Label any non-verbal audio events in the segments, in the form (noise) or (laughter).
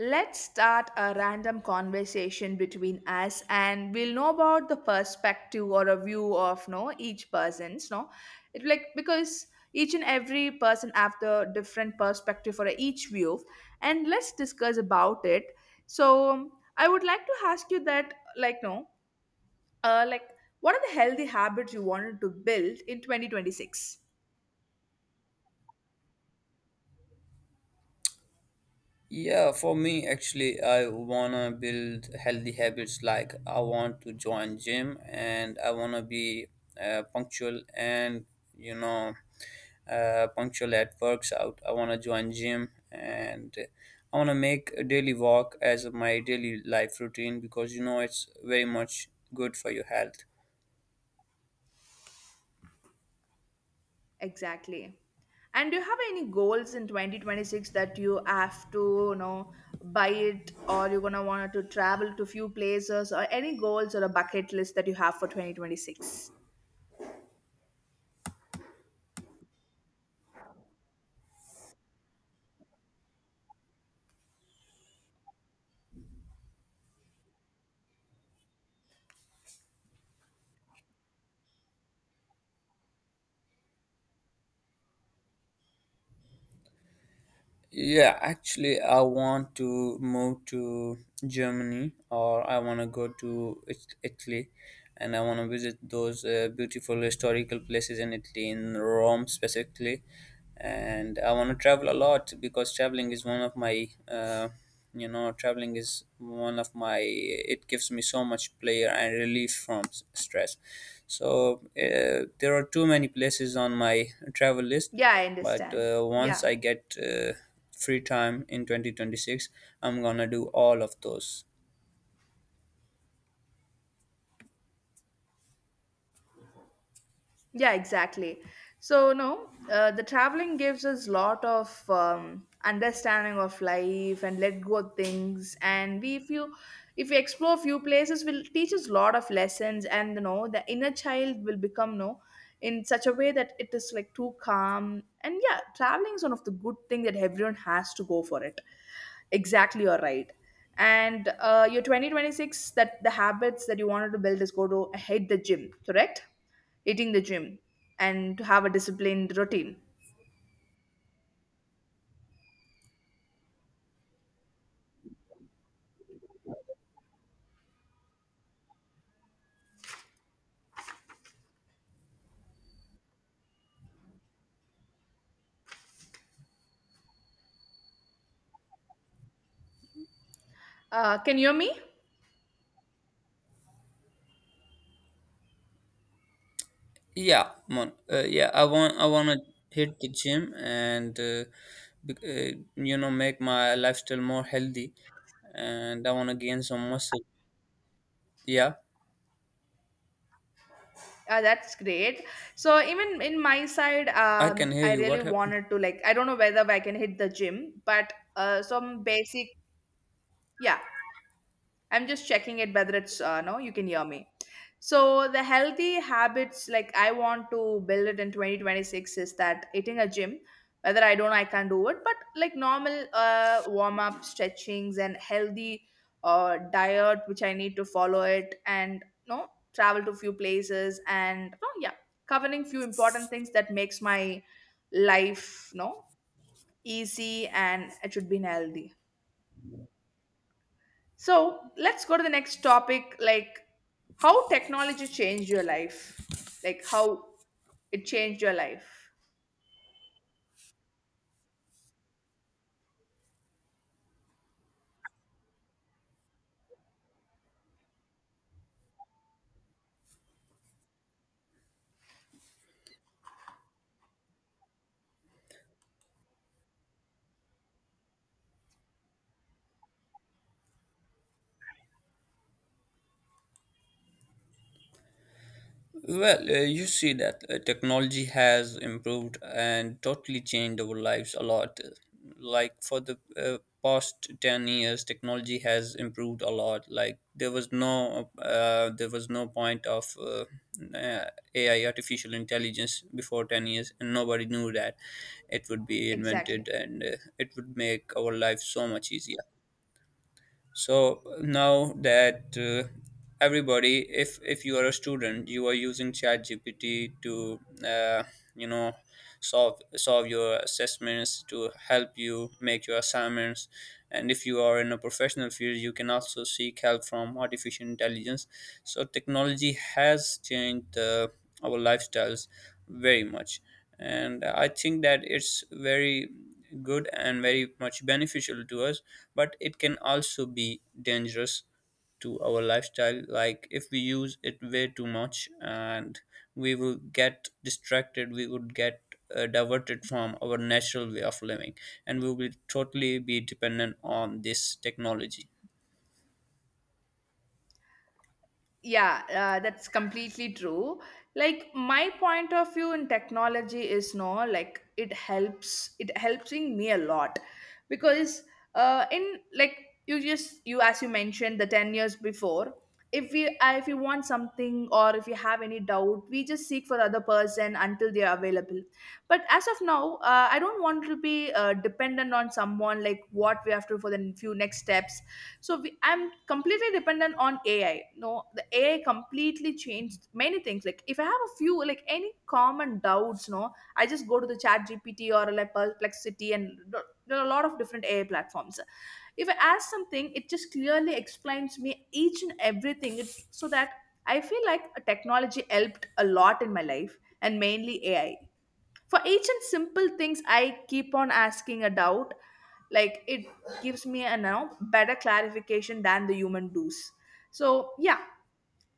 Let's start a random conversation between us, and we'll know about the perspective or a view of no each person's no it, like, because each and every person have the different perspective for each view, and let's discuss about it. So I would like to ask you that, like, no like, what are the healthy habits you wanted to build in 2026? Yeah, for me actually I wanna build healthy habits. Like, I want to join gym and I wanna be punctual and you know punctual at works out. I wanna join gym and I wanna make a daily walk as my daily life routine because you know it's very much good for your health. Exactly. And do you have any goals in 2026 that you have to, buy it, or you're gonna want to travel to few places or any goals or a bucket list that you have for 2026? Yeah, actually, I want to move to Germany, or I want to go to Italy, and I want to visit those beautiful historical places in Italy, in Rome specifically. And I want to travel a lot because traveling is one of my, it gives me so much pleasure and relief from stress. So there are too many places on my travel list, Yeah, I but understand. uh, once Yeah. I get uh, free time in 2026. I'm gonna do all of those. Yeah, exactly. So no, the traveling gives us lot of understanding of life and let go of things. And we, if you, If we explore few places, will teach us lot of lessons. And the inner child will become no in such a way that it is like too calm. And yeah, traveling is one of the good thing that everyone has to go for it. Exactly, you're right. And your 2026, that the habits that you wanted to build is go to hit the gym, correct? Hitting the gym and to have a disciplined routine. Can you hear me? Yeah mon- yeah I want to hit the gym and bec- uh, make my lifestyle more healthy, and I want to gain some muscle. Yeah. That's great. So even in my side, I can hear I you. really What happened? wanted to, like, I don't know whether I can hit the gym, but some basic. Yeah. I'm just checking it whether it's no, you can hear me. So the healthy habits, like, I want to build it in 2026 is that eating a gym, whether I don't, I can do it, but like normal warm up stretchings and healthy diet, which I need to follow it and no travel to few places and no, yeah, covering few important things that makes my life no easy, and it should be healthy. So let's go to the next topic, like how technology changed your life, like how it changed your life. Well, you see that technology has improved and totally changed our lives a lot. Like, for the past 10 years, technology has improved a lot. Like, there was no point of uh, AI, artificial intelligence, before 10 years, and nobody knew that it would be Exactly. invented and it would make our life so much easier. So now that everybody, if you are a student, you are using ChatGPT to uh, you know solve your assessments, to help you make your assignments. And if you are in a professional field, you can also seek help from artificial intelligence. So technology has changed our lifestyles very much, and I think that it's very good and very much beneficial to us, but it can also be dangerous to our lifestyle, like if we use it way too much. And we will get distracted, we would get diverted from our natural way of living, and we will totally be dependent on this technology. Yeah, that's completely true. Like my point of view in technology is no, like it helps. It helping me a lot because in, like, you as you mentioned the 10 years before, if you want something or if you have any doubt, we just seek for other person until they are available. But as of now, I don't want to be dependent on someone, like what we have to for the few next steps. So I'm completely dependent on AI, no, the AI completely changed many things. Like if I have a few, like any common doubts no, I just go to the ChatGPT or like perplexity, and there are a lot of different AI platforms. If I ask something, it just clearly explains me each and everything. It's so that I feel like a technology helped a lot in my life, and mainly AI. For each and simple things, I keep on asking a doubt, like it gives me a now better clarification than the human does. So yeah,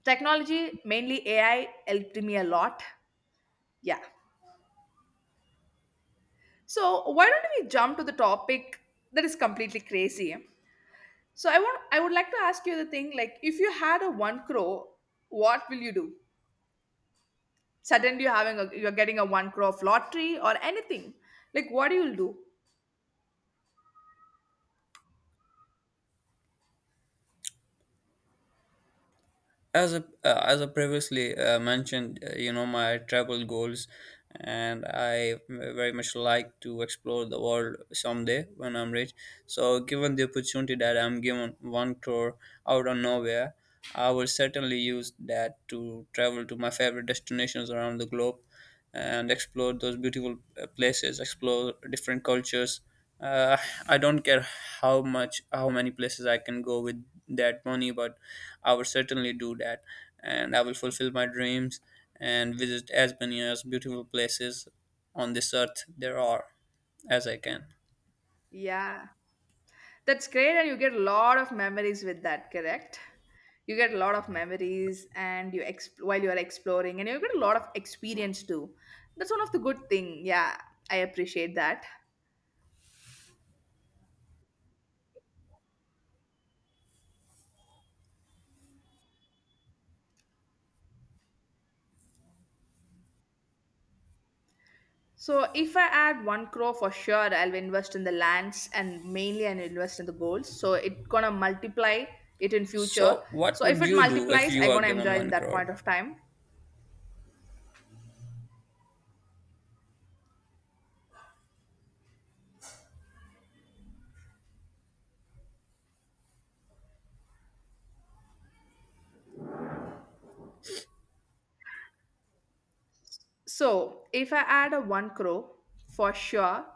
technology mainly AI helped me a lot. Yeah. So why don't we jump to the topic that is completely crazy? So I would like to ask you the thing, like if you had a one crore, what will you do? Suddenly you're getting a one crore of lottery or anything, like what do you do? As a as I previously mentioned, my travel goals, and I very much like to explore the world someday when I'm rich. So, given the opportunity that I'm given one crore out of nowhere, I will certainly use that to travel to my favorite destinations around the globe and explore those beautiful places, explore different cultures. Uh, I don't care how much, how many places I can go with that money, but I will certainly do that, and I will fulfill my dreams and visit as many as beautiful places on this earth there are as I can. Yeah. That's great, and you get a lot of memories with that, correct? You get a lot of memories, and you while you are exploring, and you get a lot of experience too. That's one of the good thing. Yeah, I appreciate that. So if I add one crore for sure, I'll invest in the lands and mainly I'll invest in the goals, so it gonna multiply it in future. So, what So if would it you do if multiplies, you I are gonna given enjoy in one that point crore? of time. So, if I add a 1 crore, for sure,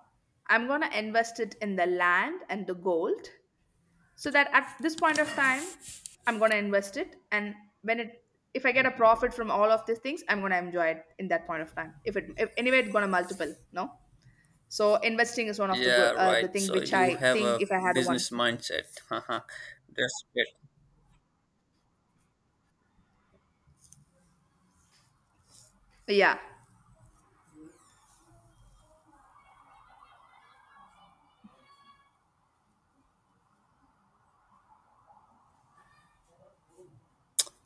I'm going to invest it in the land and the gold so that at this point of time, I'm going to invest it. And when it, if I get a profit from all of these things, I'm going to enjoy it in that point of time. If it, if, Anyway, it's going to multiple, no? So, investing is one of the, go- Yeah, uh, the right. thing So which you I have think a if I had a 1 business crore. mindset. (laughs) Haha. That's great. Yeah.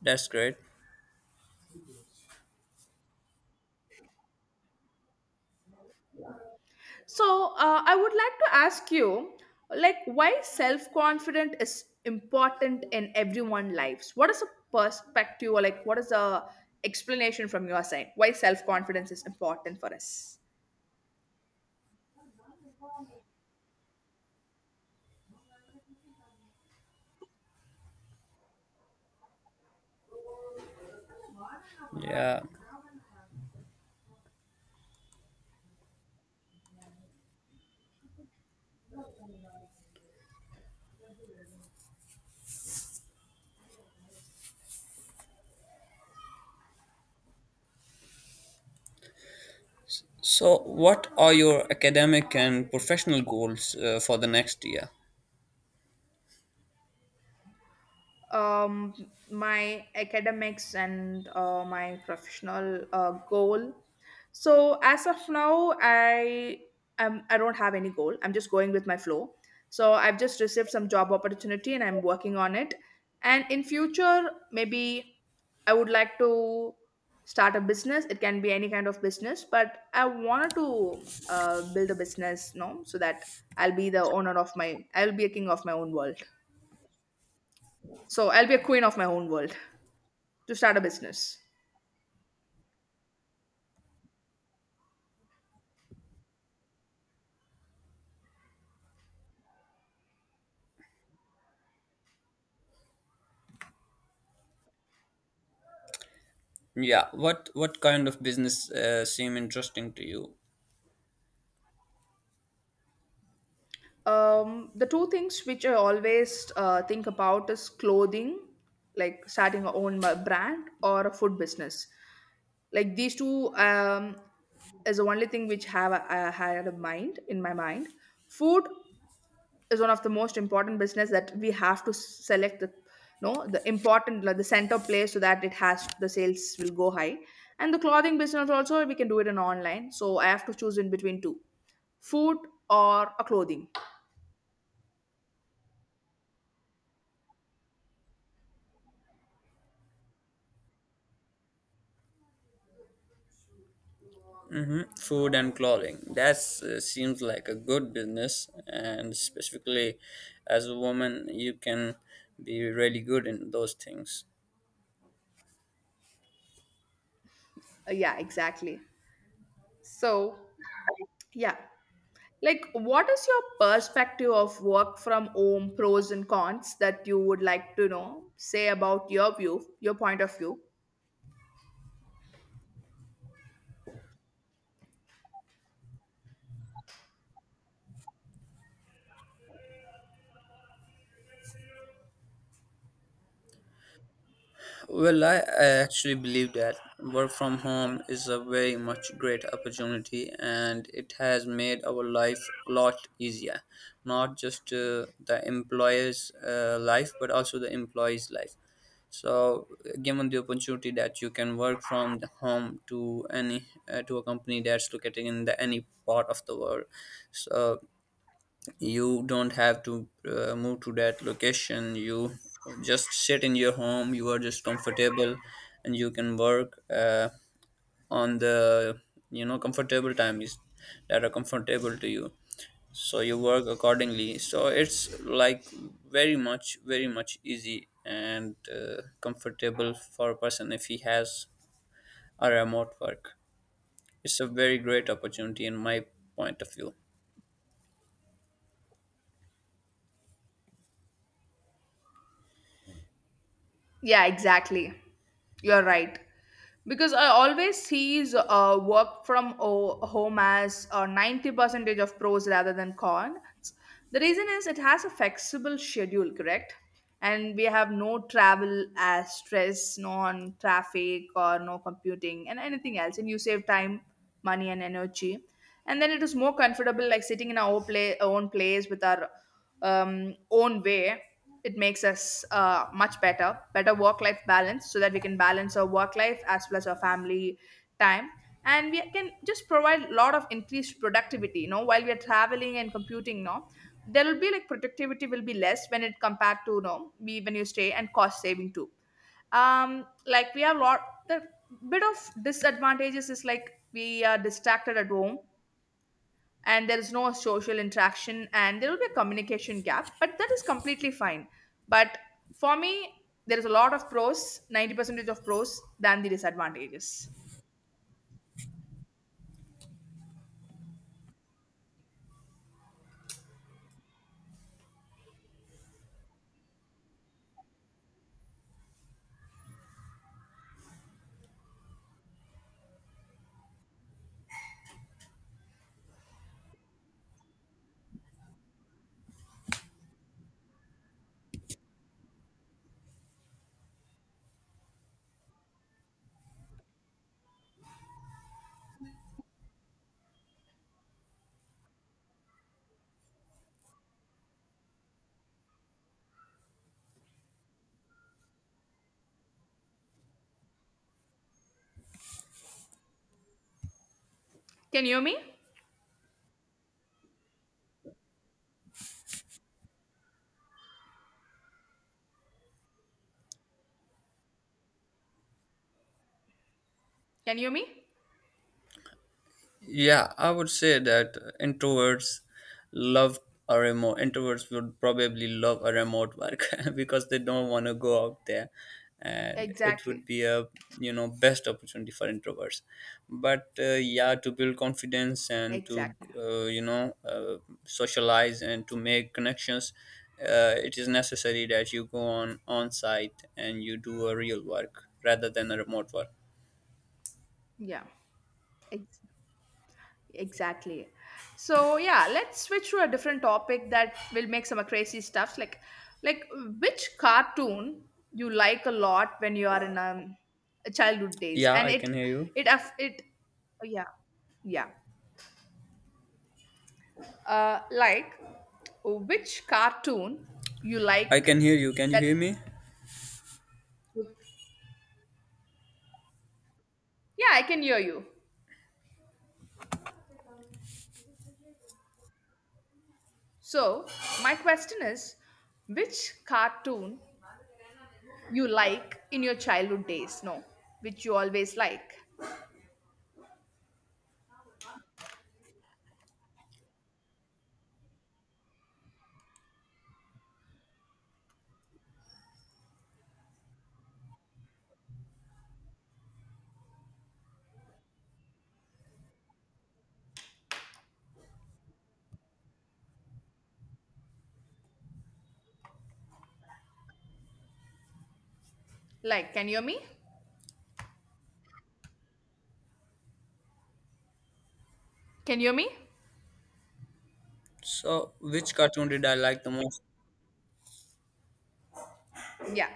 That's great. So I would like to ask you, like, why self confidence is important in everyone lives? What is a perspective, or like, what is the explanation from your side? Why self-confidence is important for us? Yeah. So, what are your academic and professional goals for the next year? um, my academics and my professional goal. So as of now, I don't have any goal. I'm just going with my flow. So I've just received some job opportunity and I'm working on it. And in future, maybe I would like to start a business. It can be any kind of business, but I wanted to build a business, no, so that I'll be a king of my own world. So I'll be a queen of my own world to start a business. Yeah, what kind of business seem interesting to you? The two things which I always think about is clothing, like starting a own brand or a food business. Like these two is the only thing which have I had in mind in my mind. Food is one of the most important business that we have to select the no the important like the center place, so that it has the sales will go high, and the clothing business also we can do it in online. So I have to choose in between two, food or a clothing. Hmm. Food and clothing. That seems like a good business, and specifically as a woman, you can be really good in those things. Yeah, exactly. So yeah, like what is your perspective of work from home pros and cons that you would like to know? Say about your view, your point of view. Well, I actually believe that work from home is a very much great opportunity, and it has made our life a lot easier. Not just the employer's life, but also the employee's life. So, given the opportunity that you can work from the home to any to a company that's located in the any part of the world, so you don't have to move to that location. You just sit in your home, you are just comfortable, and you can work on the comfortable times that are comfortable to you, so you work accordingly. So it's like very much, very much easy and comfortable for a person if he has a remote work. It's a very great opportunity in my point of view. Yeah, exactly. You're right. Because I always sees work from home as 90 percentage of pros rather than cons. The reason is it has a flexible schedule, correct? And we have no travel as stress, no on traffic or no computing and anything else. And you save time, money, and energy. And then it is more comfortable, like sitting in our own place with our own way. It makes us much better work life balance, so that we can balance our work life as well as our family time. And we can just provide a lot of increased productivity, while we are traveling and computing, no, there will be like productivity will be less when it compared to, you know we when you stay. And cost saving too. Like we have lot the bit of disadvantages is like we are distracted at home, and there is no social interaction, and there will be a communication gap, but that is completely fine. But for me, there is a lot of pros, 90 percentage of pros than the disadvantages. Can you hear me? Can you hear me? Yeah, I would say that introverts love a remote. Introverts would probably love a remote work (laughs) because they don't want to go out there, and it Exactly. would be a best opportunity for introverts. But yeah, to build confidence and to Exactly. Socialize and to make connections, it is necessary that you go on site and you do a real work rather than a remote work. Yeah. Ex- Exactly. So yeah, let's switch to a different topic that will make some crazy stuffs. Like, which cartoon you like a lot when you are in a childhood days, Yeah, and I it can hear you. it aff- it yeah, yeah, like which cartoon you I like can hear you. Can you that. hear me? Yeah, I can hear you. So my question is, which cartoon you like in your childhood days, no, which you always like? Like, can you hear me? Can you hear me? So, which cartoon did I like the most? Yeah,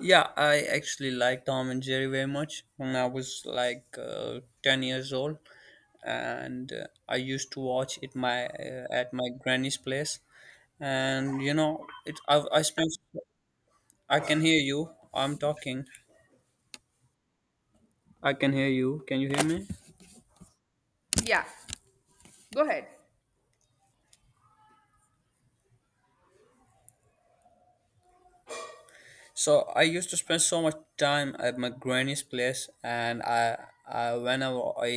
Yeah, I actually like Tom and Jerry very much when I was like 10 years old, and I used to watch it my at my granny's place. And you know, I spent I can hear you. I'm talking. I can hear you. Can you hear me? yeah, go ahead. So I used to spend so much time at my granny's place, and I whenever I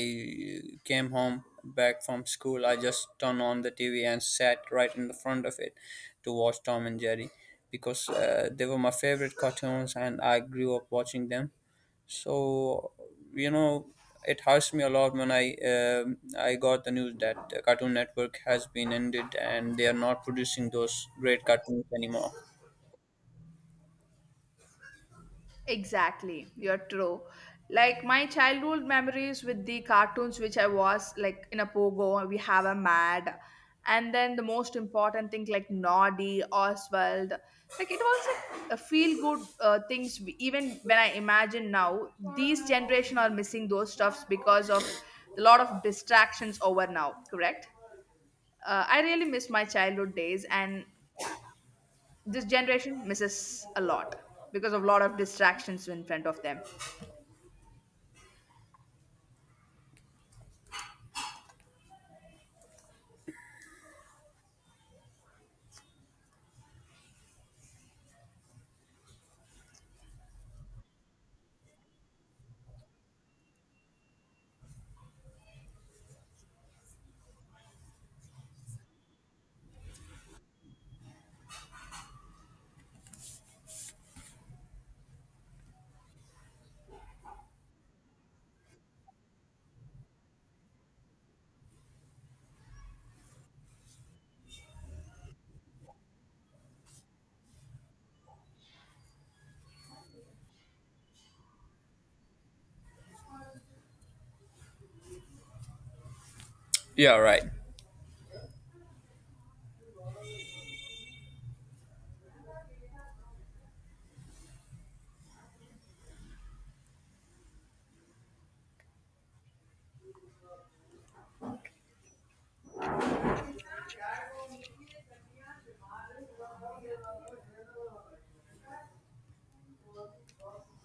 came home back from school, I just turned on the TV and sat right in the front of it to watch Tom and Jerry because they were my favorite cartoons, and I grew up watching them. So you know, it hurts me a lot when I got the news that Cartoon Network has been ended and they are not producing those great cartoons anymore. Exactly, you're true. Like my childhood memories with the cartoons, which I was like in a Pogo, we have a Mad, and then the most important thing like Noddy, Oswald, like it was like a feel good things. Even when I imagine now, these generation are missing those stuffs because of a lot of distractions over now. Correct? I really miss my childhood days, and this generation misses a lot because of a lot of distractions in front of them Yeah, right.